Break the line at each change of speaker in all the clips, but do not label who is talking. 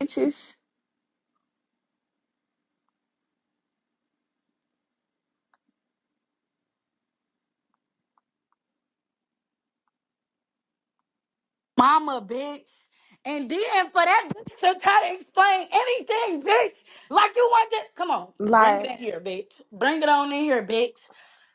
bitches.
mama, bitch. And then for that bitch to try to explain anything, bitch, like you want to, come on, bring it
Like,
in here, bitch. Bring it on in here, bitch.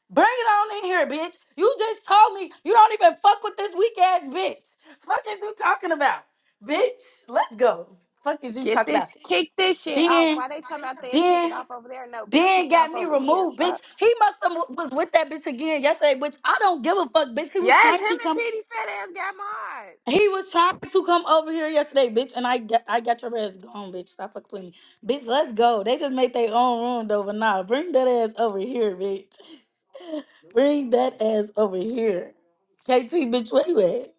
Bring it on in here, bitch. You just told me you don't even fuck with this weak ass bitch. Fuck is you talking about, bitch? Let's go. Fuck is you
get
talking
this,
about?
kick this shit off.
Then,
Why they talking about they kick it
then,
off over there? No, bitch,
then
kick it
got
off
me
over here.
removed, bitch.
Fuck.
He must have was with that bitch again yesterday, bitch. I don't give a fuck, bitch. He was
Yes,
trying
him
to
and
come.
Petey fat ass got
He was trying to come over here yesterday, bitch, and I get, I got your ass gone, bitch. Stop fucking playing me. Bitch, let's go. They just made their own room though, but nah, bring that ass over here, bitch. Bring that ass over here. KT, bitch, where you at?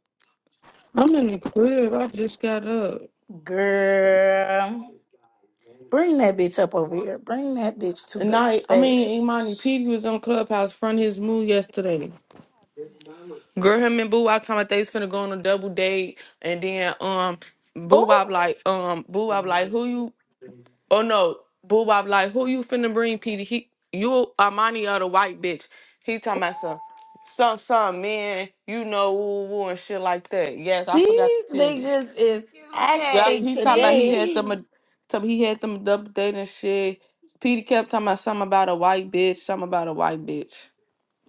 I'm in the crib. I just got up.
Girl. Bring that bitch up over here. Bring that bitch to
And
the
I, I
stage.
mean, Imani P was on Clubhouse front his move yesterday. Girl, him and Boo Wop talking about they finna go on a double date, and then um, Boo Wop
Oh,
like um, Boo Wop like who you? Oh no, Boo Wop like who you finna bring? Petey, he you Imani or the white bitch? He talking about some some some man, you know, woo woo and shit like that. Yes, I forgot to
these
tell you.
niggas is
mods.
Yep,
acting
he talked about he
QKT.
had
today.
them. a- Some he had them double dating shit. Peter kept talking about something about a white bitch. Something about a white bitch.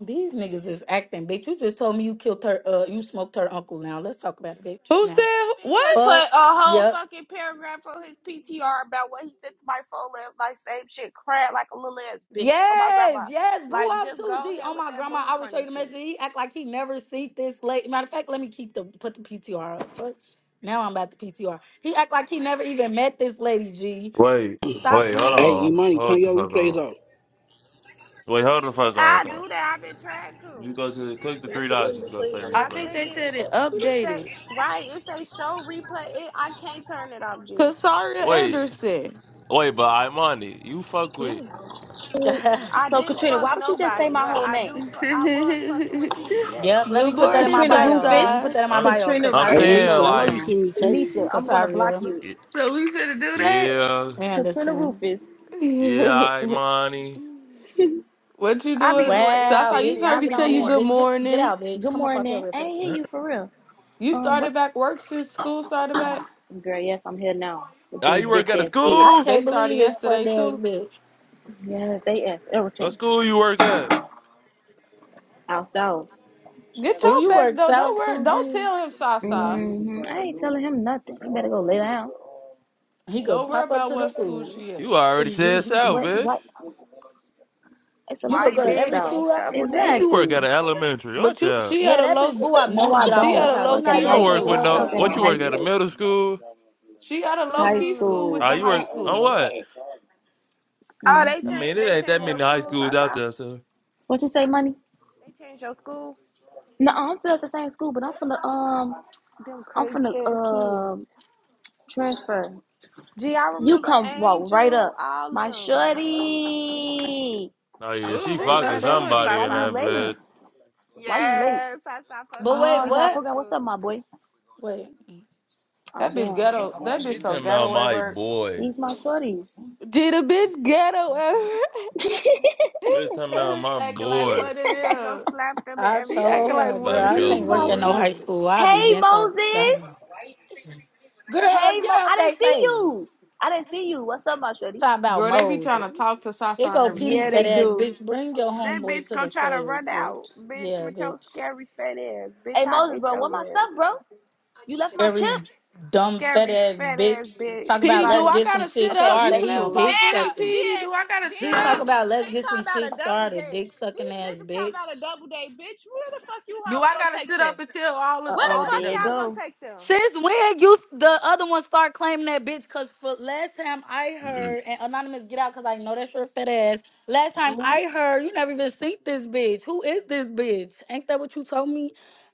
These niggas is acting, bitch. You just told me you killed her, uh, you smoked her uncle now. Let's talk about it, bitch.
Who
Now.
said
Bitch
what?
just put
Fuck.
a whole
Yep.
fucking paragraph on his PTR about what he said to my phone. left, Like, same shit, crap, like a little ass bitch. Oh, my grandma.
Yes, yes. Boo
Like,
off
just go
too. G. Oh
ahead with
my
that
grandma,
move
I will
from
show
the
you the
shit.
message. He act like he never see this late. Matter of fact, let me keep the put the PTR up. Fuck. Now I'm about the PTR. He act like he never even met this lady, G.
Wait,
Stop
wait, hold
Hey,
on.
playing.
Imani, turn
Hold the
your
fuck
replays
on.
off.
Wait, hold the fuck
How
on
I
though.
do that, I've been trying to.
You go to click the three dots, it's gonna say
I
I
think
replays.
click
they
it.
said it
It say,
updated.
right, it say show replay. It, I can't turn it off, G.
Casaria
Wait,
Anderson.
wait, but I money. You fuck with
Damn.
I
So
didn't
Katrina,
fuck
why would you just say
nobody,
my
but
whole
I do.
name?
Fu- I was fucking with Petey. Yeah,
yep, let
Good
me put that in
morning,
my
Katrina
bio.
Rufus.
Let me put
Sasa.
that in my
I'm,
bio.
Katrina
I'm
Hey,
Casaria
okay,
saying
Nisa,
Anderson.
so
I know
Hold
you
like
see
on.
me text
Nisha,
you.
I'm gonna block
Casaria
you.
it-
So we finna do that.
yeah,
Katrina
Anderson.
Rufus.
yeah, I money.
what you
I be
doing,
doing
Wow,
Sasa? You
anything.
just
G.
bitch,
heard
I
bring
me
it
be
tell
on
you
in.
bored.
good
Bitch, get get
morning.
out, bitch.
Good
Come up off your
morning. I
research.
ain't hear you for real.
You
Um
started
what
back work since school started back.
girl, yes, I'm here now with
Now
these
you work
bitch
at a
ass kids.
I
school?
They
can't
started
believe this for ass
yesterday too.
bitch.
Yes, they ask
What
everything.
school you work at?
Out south.
Get
Oh,
your
you
back
work
though. Don't
South
worry. Don't
Fuji.
tell him Sasa.
hmm I ain't telling him nothing. You better go lay down.
He go
Don't worry
pop up
about
to the
what school
school.
she
You
at.
already said south,
you
What
bitch.
what it's a lot
go
of
go
White
to
food
every
bitch,
south.
school outside.
double
Bitch,
date.
you work at
Exactly.
an elementary.
But
Watch
you,
out.
she at
Yeah,
a
that
low,
bitch boo. I knew
No
to
I
get off
she
don't.
at a
I
Clubhouse.
low
He
work at
not
a
You
key
even
don't
on
high
work with
school.
I
no
work
Clubhouse
at
no
a
what you
more,
high
work
She,
at a
school.
bitch.
middle school?
she at a low
High
key
Mm-mm.
school with
Ah,
the
you
school.
high
work on
schoolers.
what?
Oh, they
I
hmm
mean,
change.
it
They
ain't that
change your
many high
school,
schools out
Sasa.
there, so.
What you say, money?
They change your school.
No, I'm still at the same school, but I'm from the um,
Them
I'm from
crazy
the
ass kids.
um transfer.
Gee, I
You
remember
come walk right
Angel.
up,
All
my
them.
shorty.
Oh yeah,
Ooh,
she
They
who's
What's up,
your
love
fucking
them
bro?
some
shorty?
somebody
Why
Sasa
in
you
that
up in
late?
there.
bed.
Why you late?
Yes, Sasa
But
fucking them
wait,
Oh,
little
y'all
high
what?
program. What's up,
school.
my boy?
Wait,
Oh,
That bitch
damn.
ghetto. That bitch
She
so
talking about
ghetto at
my
work.
boy.
These my shorties.
Gee, the bitch ghetto at work.
She talking
That
about
bitch
my
acting like
She
boy.
what it
said she go
is.
slap them and
I
She
told
acting
everything.
like
her,
what
girl,
About
it
I
your
These
is
can't
for
work
my
at
boy.
no
short.
high
real.
school. I'll be
Hey,
bent over.
Moses.
Girl,
Hey,
get
Mo.
off
I didn't
that
see
face.
you. I didn't see you. What's up, my shorty?
Talk about
Girl, they be trying
Moses.
to talk to Sasa
Here
and
go Petey
Yeah,
everything.
fat
they
ass
do.
bitch. Bring your
That bitch
homeboy to
go
the
try to
stage,
run
bitch.
out, bitch,
Yeah,
with your
bitch.
scary fat ass. Bitch,
Hey,
I
Moses,
hate
bro.
your
What my
ass.
stuff, bro? You left my
Every
chips.
dumb fat
Scary
ass
fat ass
bitch talk
bitch.
about
Petey, do
let's
Like
I
get some
gotta
shit
sit
Okay,
up? You
started.
that's
He
play with
cool.
my
dick
Then uh,
friend,
sucking.
Petey.
then
Do I gotta sit
then
He talk
up?
about
Janisha,
let's
they
get some
talking
shit
about a double
started.
date.
Dick sucking
These
ass
niggas talking about a
bitch.
double date, bitch. Where the fuck you
Do
hoes
I
gonna
gotta
take
sit up
them?
until all of
Uh
Where the
oh,
all
fuck
there
them?
it
y'all
go.
gonna take them?
Since when you the other one start claiming that bitch? Cause for last time I heard, and anonymous get out, cause I know that's your fat ass. Last time I
Ooh.
heard, you never even seen this bitch. Who is this bitch? Ain't that what you told me?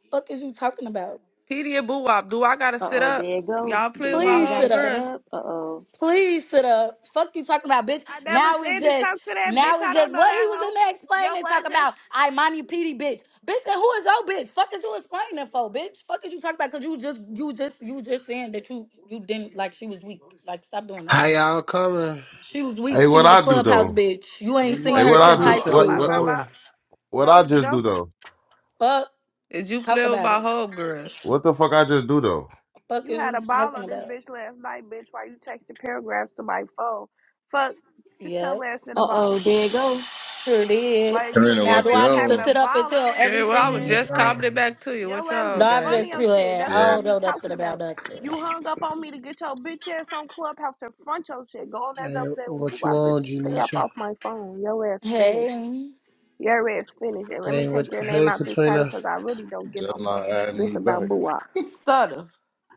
Fuck is you talking about?
Petey and Boo Wop, do I gotta
Uh
sit
oh,
up?
there it go.
Y'all
Do
play with my
y'all
Please sit
gotta
home
sit
up.
girls.
up? Uh oh.
Please sit up. Fuck you talking about, bitch.
I never
Now it's
said you
just,
talk to that bitch.
now it's
I don't
just
know
what he
that
was in
hoe.
there
Yo,
explaining.
what
Talk
just
about, I mind you, PD, bitch. Bitch, then who is your bitch? Fuck is you explaining for, bitch? Fuck is you talking about? Cause you just, you just, you just saying that you, you didn't like. She was weak. Like, stop doing that.
How y'all coming?
She was weak.
Hey,
She
what
was a
I do
clubhouse
though?
bitch. You
looking
ain't
Jan-
for
seen
Hey,
a
her
what
new
I
since high
do?
hoe.
Janisha,
Oh
how
What
you
my
what
school.
what,
grandma.
coming?
what I
Don't
just do
don't
though?
Fuck.
Did you
Talk
play with
about
my
it.
home girls?
What the fuck I just do though?
Fuck
You
is
had
you
a ball
talking
on this
about?
bitch last night, bitch. Why you texting paragraphs to my phone? Fuck, sit your
Yep.
ass in the
Uh oh,
bottle.
there it go.
Sure did.
Why
I
you and
mean,
Now,
what
your
do
you
I
ass
need to
having
on?
a
sit up and
ball on
tell
this
Sure. Well,
bitch
I was
everything?
last
just
night?
Damn.
commenting back to you. What
Your ass
y'all
No,
be
I'm
gang?
funny
just
on shit.
playing. I
That's what I
Shit,
don't
be
know nothing
talking
about
about.
nothing.
You hung up on me to get your bitch ass on Clubhouse and front your shit. Go on that
Hey,
double day with
what you
my bitch.
on,
Stay up
Janisha?
off my phone. Your ass finished.
Hey,
Your ass finished. And let me
Hey, what,
take your name
hey,
out this title
Katrina.
because I really don't get
just
no fuck.
not adding
This
me back.
about boo
Stutter,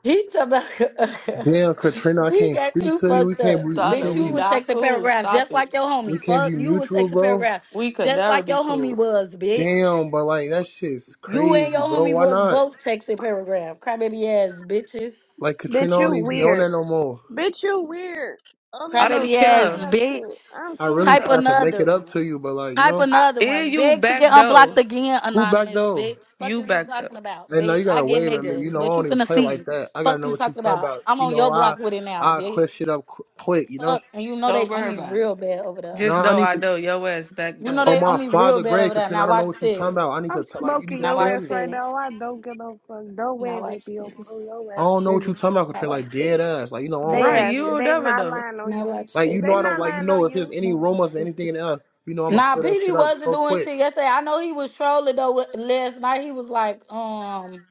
he talking about
Damn, Katrina, I
he
can't
got
speak
you
to you. We
fucked
can't
up,
be, we
bitch.
stutter.
can't
You
We
be,
was
not
texting
cool.
paragraphs
Stop
just
it.
like your
we
homie.
can't
Fuck,
be
you was
mutual,
texting
bro.
paragraphs
We could
just
never
like
be
your homie
cool.
was, bitch.
Damn, but like that shit's
You and
crazy,
your
bro.
homie
Why
was
not?
both texting paragraph. Crybaby ass bitches.
Like Katrina
Bitch, you
don't even be on
weird.
that no more.
Bitch, you weird. On this
I don't
bitch
Crybaby ass
front of
care.
your
bitch.
shit. I'm
I
cool
really
Type
tried
though.
to make
another
it up
one.
to you, but like you
Type
know,
I,
another one.
And you
Beg to
back
get unblocked
though.
again,
who back
anonymous
though?
bitch. Fuck
You
is you
back though.
talking about,
And now
bitch?
you
I
gotta
get
wave at me.
niggas,
You know,
but
I
you
don't even
finna
play like
see.
that. I gotta
Fuck
know
you
what you
talking
talking
about?
about.
I'm
You
on
know,
your
I
block with it now,
I
bitch.
clip shit up qu- quick. You know.
Fuck, and you know
Don't
they owe
worry
me
about
real
it.
bad over there.
No,
Just
I
know
need
I
to.
know your ass back
You know
though.
Oh,
they owe
my
me real
father,
bad
grade,
over there.
Katrina. I
Now
don't know
watch
what you talking about. I
this.
need to
I'm
t- like you need
smoking
to
Now
your
tell
watch
ass
me.
right
this.
now. I don't give no fuck. Don't
Now
worry, they
watch
be on
this.
your
I
ass
don't know what you
finished.
talking about,
Now
Katrina.
watch
Like dead
this.
ass. Like you know, I don't
They
put any
Right,
shit
ass,
you
like
don't
they
that.
never
not
know.
lying on
Now
you.
watch
Like you
this.
know,
They
I don't
not
like you
lying
know
on
if
you.
there's any
Now watch
rumors or
this.
anything in there. You know, I'm gonna
Nah,
clear that shit
PD
up
wasn't
so
doing
quick.
shit yesterday. I know he was trolling though with- last night. He was like, um.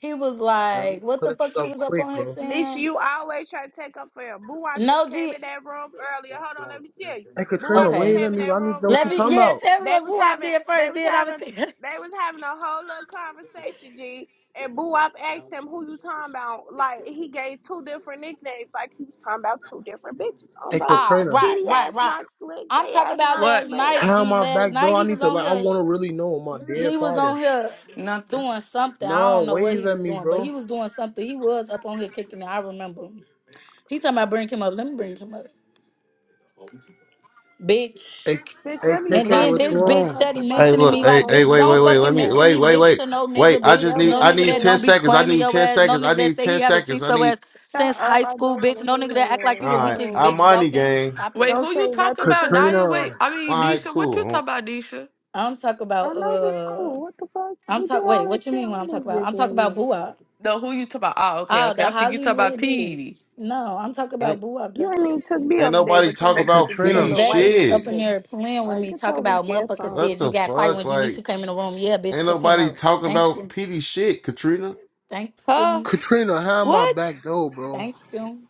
He was
I'm gonna
like, what
clear
the
that
fuck
shit
he
up
was up
quick,
on his
bro.
Nisha,
saying?
you always try to take up for him. Boo, I just
No,
came
G.
in that room earlier. Hold on, let me tell you.
Hey,
Boo, I
Katrina,
just
Okay.
wait at
came in
me.
that
I need to
room
know what
Let
you
me,
talking
earlier.
yeah,
about.
tell me
They
what
was
boo I
having,
did
they
first,
was
then I'm going
having,
to tell you.
they was having a whole little conversation, G. And Boo, I've asked him who you talking about. Like he gave two different nicknames. Like he was talking about two different bitches on
Hey,
both.
Ah,
Katrina,
right,
PD
right,
ass
right.
not slick.
I'm
They
talking
ass
about
not
What?
last
slick.
night,
how
G.
my
Last
back
night
door? I
he was
need to
on
like. I
here.
want to really know my dead
He was on
father.
here
Nothing.
doing something. I
No,
don't know what
wave
he
at
was
me,
doing, but
bro.
he was doing something. He was up on here kicking it. I remember. He talking about bring him up. Let me bring him up. Bitch.
Hey, K-
Bitch,
hey,
let me
And
KK,
block
then
what you
you.
this bitch
Don't
on?
come through
steady
my
Hey,
phone.
mentioning
look.
me
Hey,
like,
hey,
Oh,
bitch,
wait, wait,
don't
bro,
wait. Let
fucking
me
your ass
mention
wait,
me,
wait,
bitch,
wait,
finished.
to no
wait.
nigga,
I
bitch.
just
Your
need.
No
ass
I
nigga
need
that
ten
don't be
finished.
seconds. I
claiming
need
your
ten
ass. No
seconds. I
nigga that
need
say he
ten
haven't
seconds.
seen
I
your
need.
ass
Shut
since
up.
high
I
school,
don't want
bitch.
to
No
hear
nigga that act
your
like
All
ass.
you the
I
right,
won't
weakest
I
lie.
bitch
money
walking.
gang.
Stop
Wait,
it.
Don't
who
say
you talk
nothing
about,
to me.
Naya? Wait,
Katrina.
I
All
mean
right,
Nisha. What you talk
cool.
about, Nisha?
I'm talking
I
about
know what's
uh
cool. What the fuck?
I'm
You did
talk
all
wait,
that
what you
shit
mean when
on
I'm talking
this
about?
bitch
I'm talking
last
about
night.
Boo Wop.
No, who you talk about? Ah, okay,
Oh,
okay.
the
I'm thinking you talk about
Hollywood
Petey.
bitch. No, I'm talking about
Ain't
Boo Wop
You ain't
dirty ass.
even took me
ain't
on the date,
nobody
but tell
talk
me
Hey,
that you
about
could take a
Cause
Katrina.
PD
little
that
white
bitch
bitch
shit.
on
up
the
in
date.
there playing with
Like,
me,
get
talk
your weak
about
ass
motherfucker
on.
What
said you
the
got quiet
fuck?
when
Like,
Janisha came in the room. Yeah, bitch,
ain't
cause he
nobody
know.
talking
Thank
about
you.
PD shit, Katrina.
Thank
Huh?
you.
Katrina, how my
What?
back door, bro?
Thank you.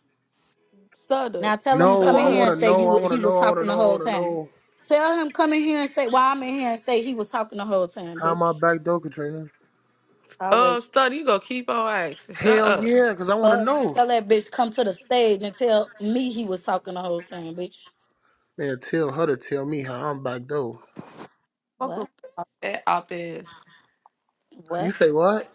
Stutter.
Now tell him
Shut
No,
come in
I
up.
here
wanna
and say
know,
you
I
wa-
wanna
he
know,
was
I wanna
talking the
know, I
whole
wanna
time.
know.
Tell him come in here and say why I'm in here and say he was talking the whole time,
How
bitch.
my back door, Katrina?
i
Uh,
wait.
Stutter, you gonna keep on asking. Shut
Hell
up.
yeah, cause I wanna
Fuck.
know.
Tell that bitch come to the stage and tell me he was talking the whole time, bitch.
Man, tell her to tell me how I'm back door.
Fuck with
What?
that op is.
You
What?
say what?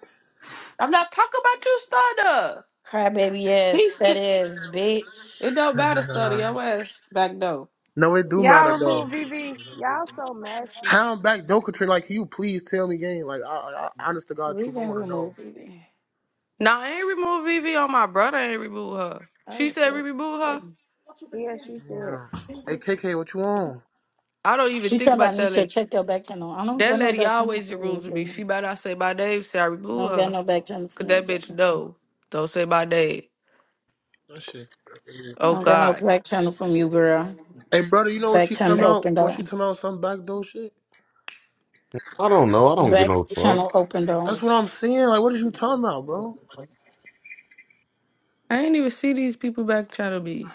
I'm not talking about you, Stutter.
Crybaby ass,
He
fat
still.
ass bitch.
It don't matter, Stutter. Your ass back though.
no, it do
Y'all
matter though.
remove VV. Y'all so messy.
How I'm back door, Katrina? Like, can you please tell me, gang. Like, I, I, honest to God,
We
truth, I
been
wanna know.
removed, baby.
Nah, I ain't remove Vivi on my brother. I ain't remove her.
I
She
was
said we
real
remove
sick.
her.
Yeah, she said.
Yeah. Hey, KK, what you on?
I don't even
She
think
talking
about
about Nisha,
that.
check your back channel. I don't
That
get no
lady
back channel
always the
from you,
rules with me.
Jimmy.
She better not say my name, say I
I
remove
don't get
her.
no back channel from
Cause
you,
that bitch
Jimmy.
know. Don't say my name.
That shit.
I
Oh
don't get no
God.
back channel from you, girl.
Hey, brother, you know what
Back
she come
channel
out?
open
What
though.
she come out? Some back door shit.
I don't know. I don't get
Back
no fuck.
channel open
That's
though.
what I'm saying. Like, what is you talking about, bro?
I ain't even see these people back channel me.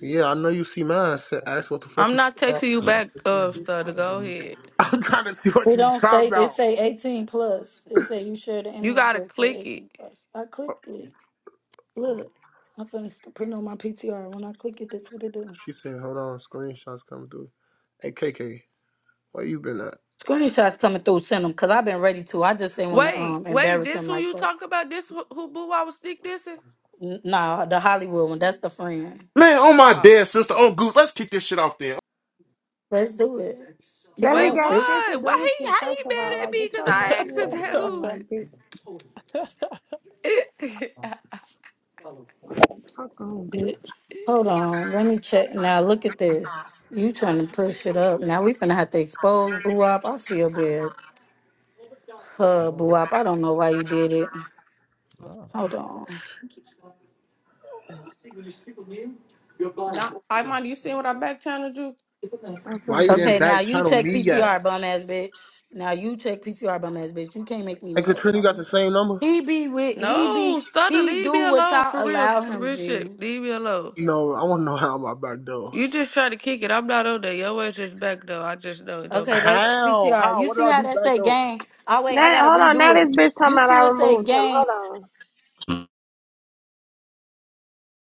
Yeah, I know you see mine. I said, ask what the fuck
I'm
you
not
talking about.
texting you back, uh stutter. Go ahead.
I'm trying to see what
We
you
don't
talking
say it
about.
say eighteen plus. It say you share the
You
image,
gotta
but it say
click it.
eighteen plus. I clicked it. Look, I'm finna sc- put it on my PTR. When I click it, that's what it do.
She said, hold on, screenshots coming through. Hey, KK, where you been at?
Screenshots coming through. Send them because I've been ready to. I just ain't want to
Wait,
um
wait,
embarrass
this
him
who
like
you
that.
talk about? This who, who boo I was sneak dissing?
N- nah, the Hollywood one. That's the friend.
Man, on my
Oh.
dead sister, on Goose, let's kick this shit off then.
Let's do it. Kick
That
it
Wait,
ain't
off,
got shit to
bitch.
what?
do with
Why he
you,
how
first
he
of all.
mad at
Like,
me?
get
Cause
your
I
messy
asked him
ass
that
on.
who
Like, bitch, fuck on, bitch.
Hold on, let me check. Now look at this. You trying to push it up? Now we finna have to expose Boo Up. I feel bad. Uh, boo up. I don't know why you did it.
Oh,
Hold on.
Not. I mind you seen what I back channeled you?
I'm
Why you
finna leave.
didn't
Okay, now
back
you
channel
check
me yet?
PTR, bum ass bitch. Now you check PTR, bum ass bitch. You can't make me
Hey,
mad. But
Katrina,
do
you got the
am
same number?
he be with he
No,
be
Stutter,
he
leave me
do what
alone.
y'all
For real,
allow
for
him
real
G.
shit. Leave me alone.
No, I want to know how my back door.
You just try to kick it. I'm not on there. Your ass just back though. I just know it don't
Okay,
matter.
that's
How?
PTR.
How?
You
What did
see
I
how
do
that
back
say
door?
gang? Oh wait, I
Now,
gotta
hold on. Now
redo
this
it.
bitch talking
You
about I
see it say
removed him.
gang.
Hold on.
no.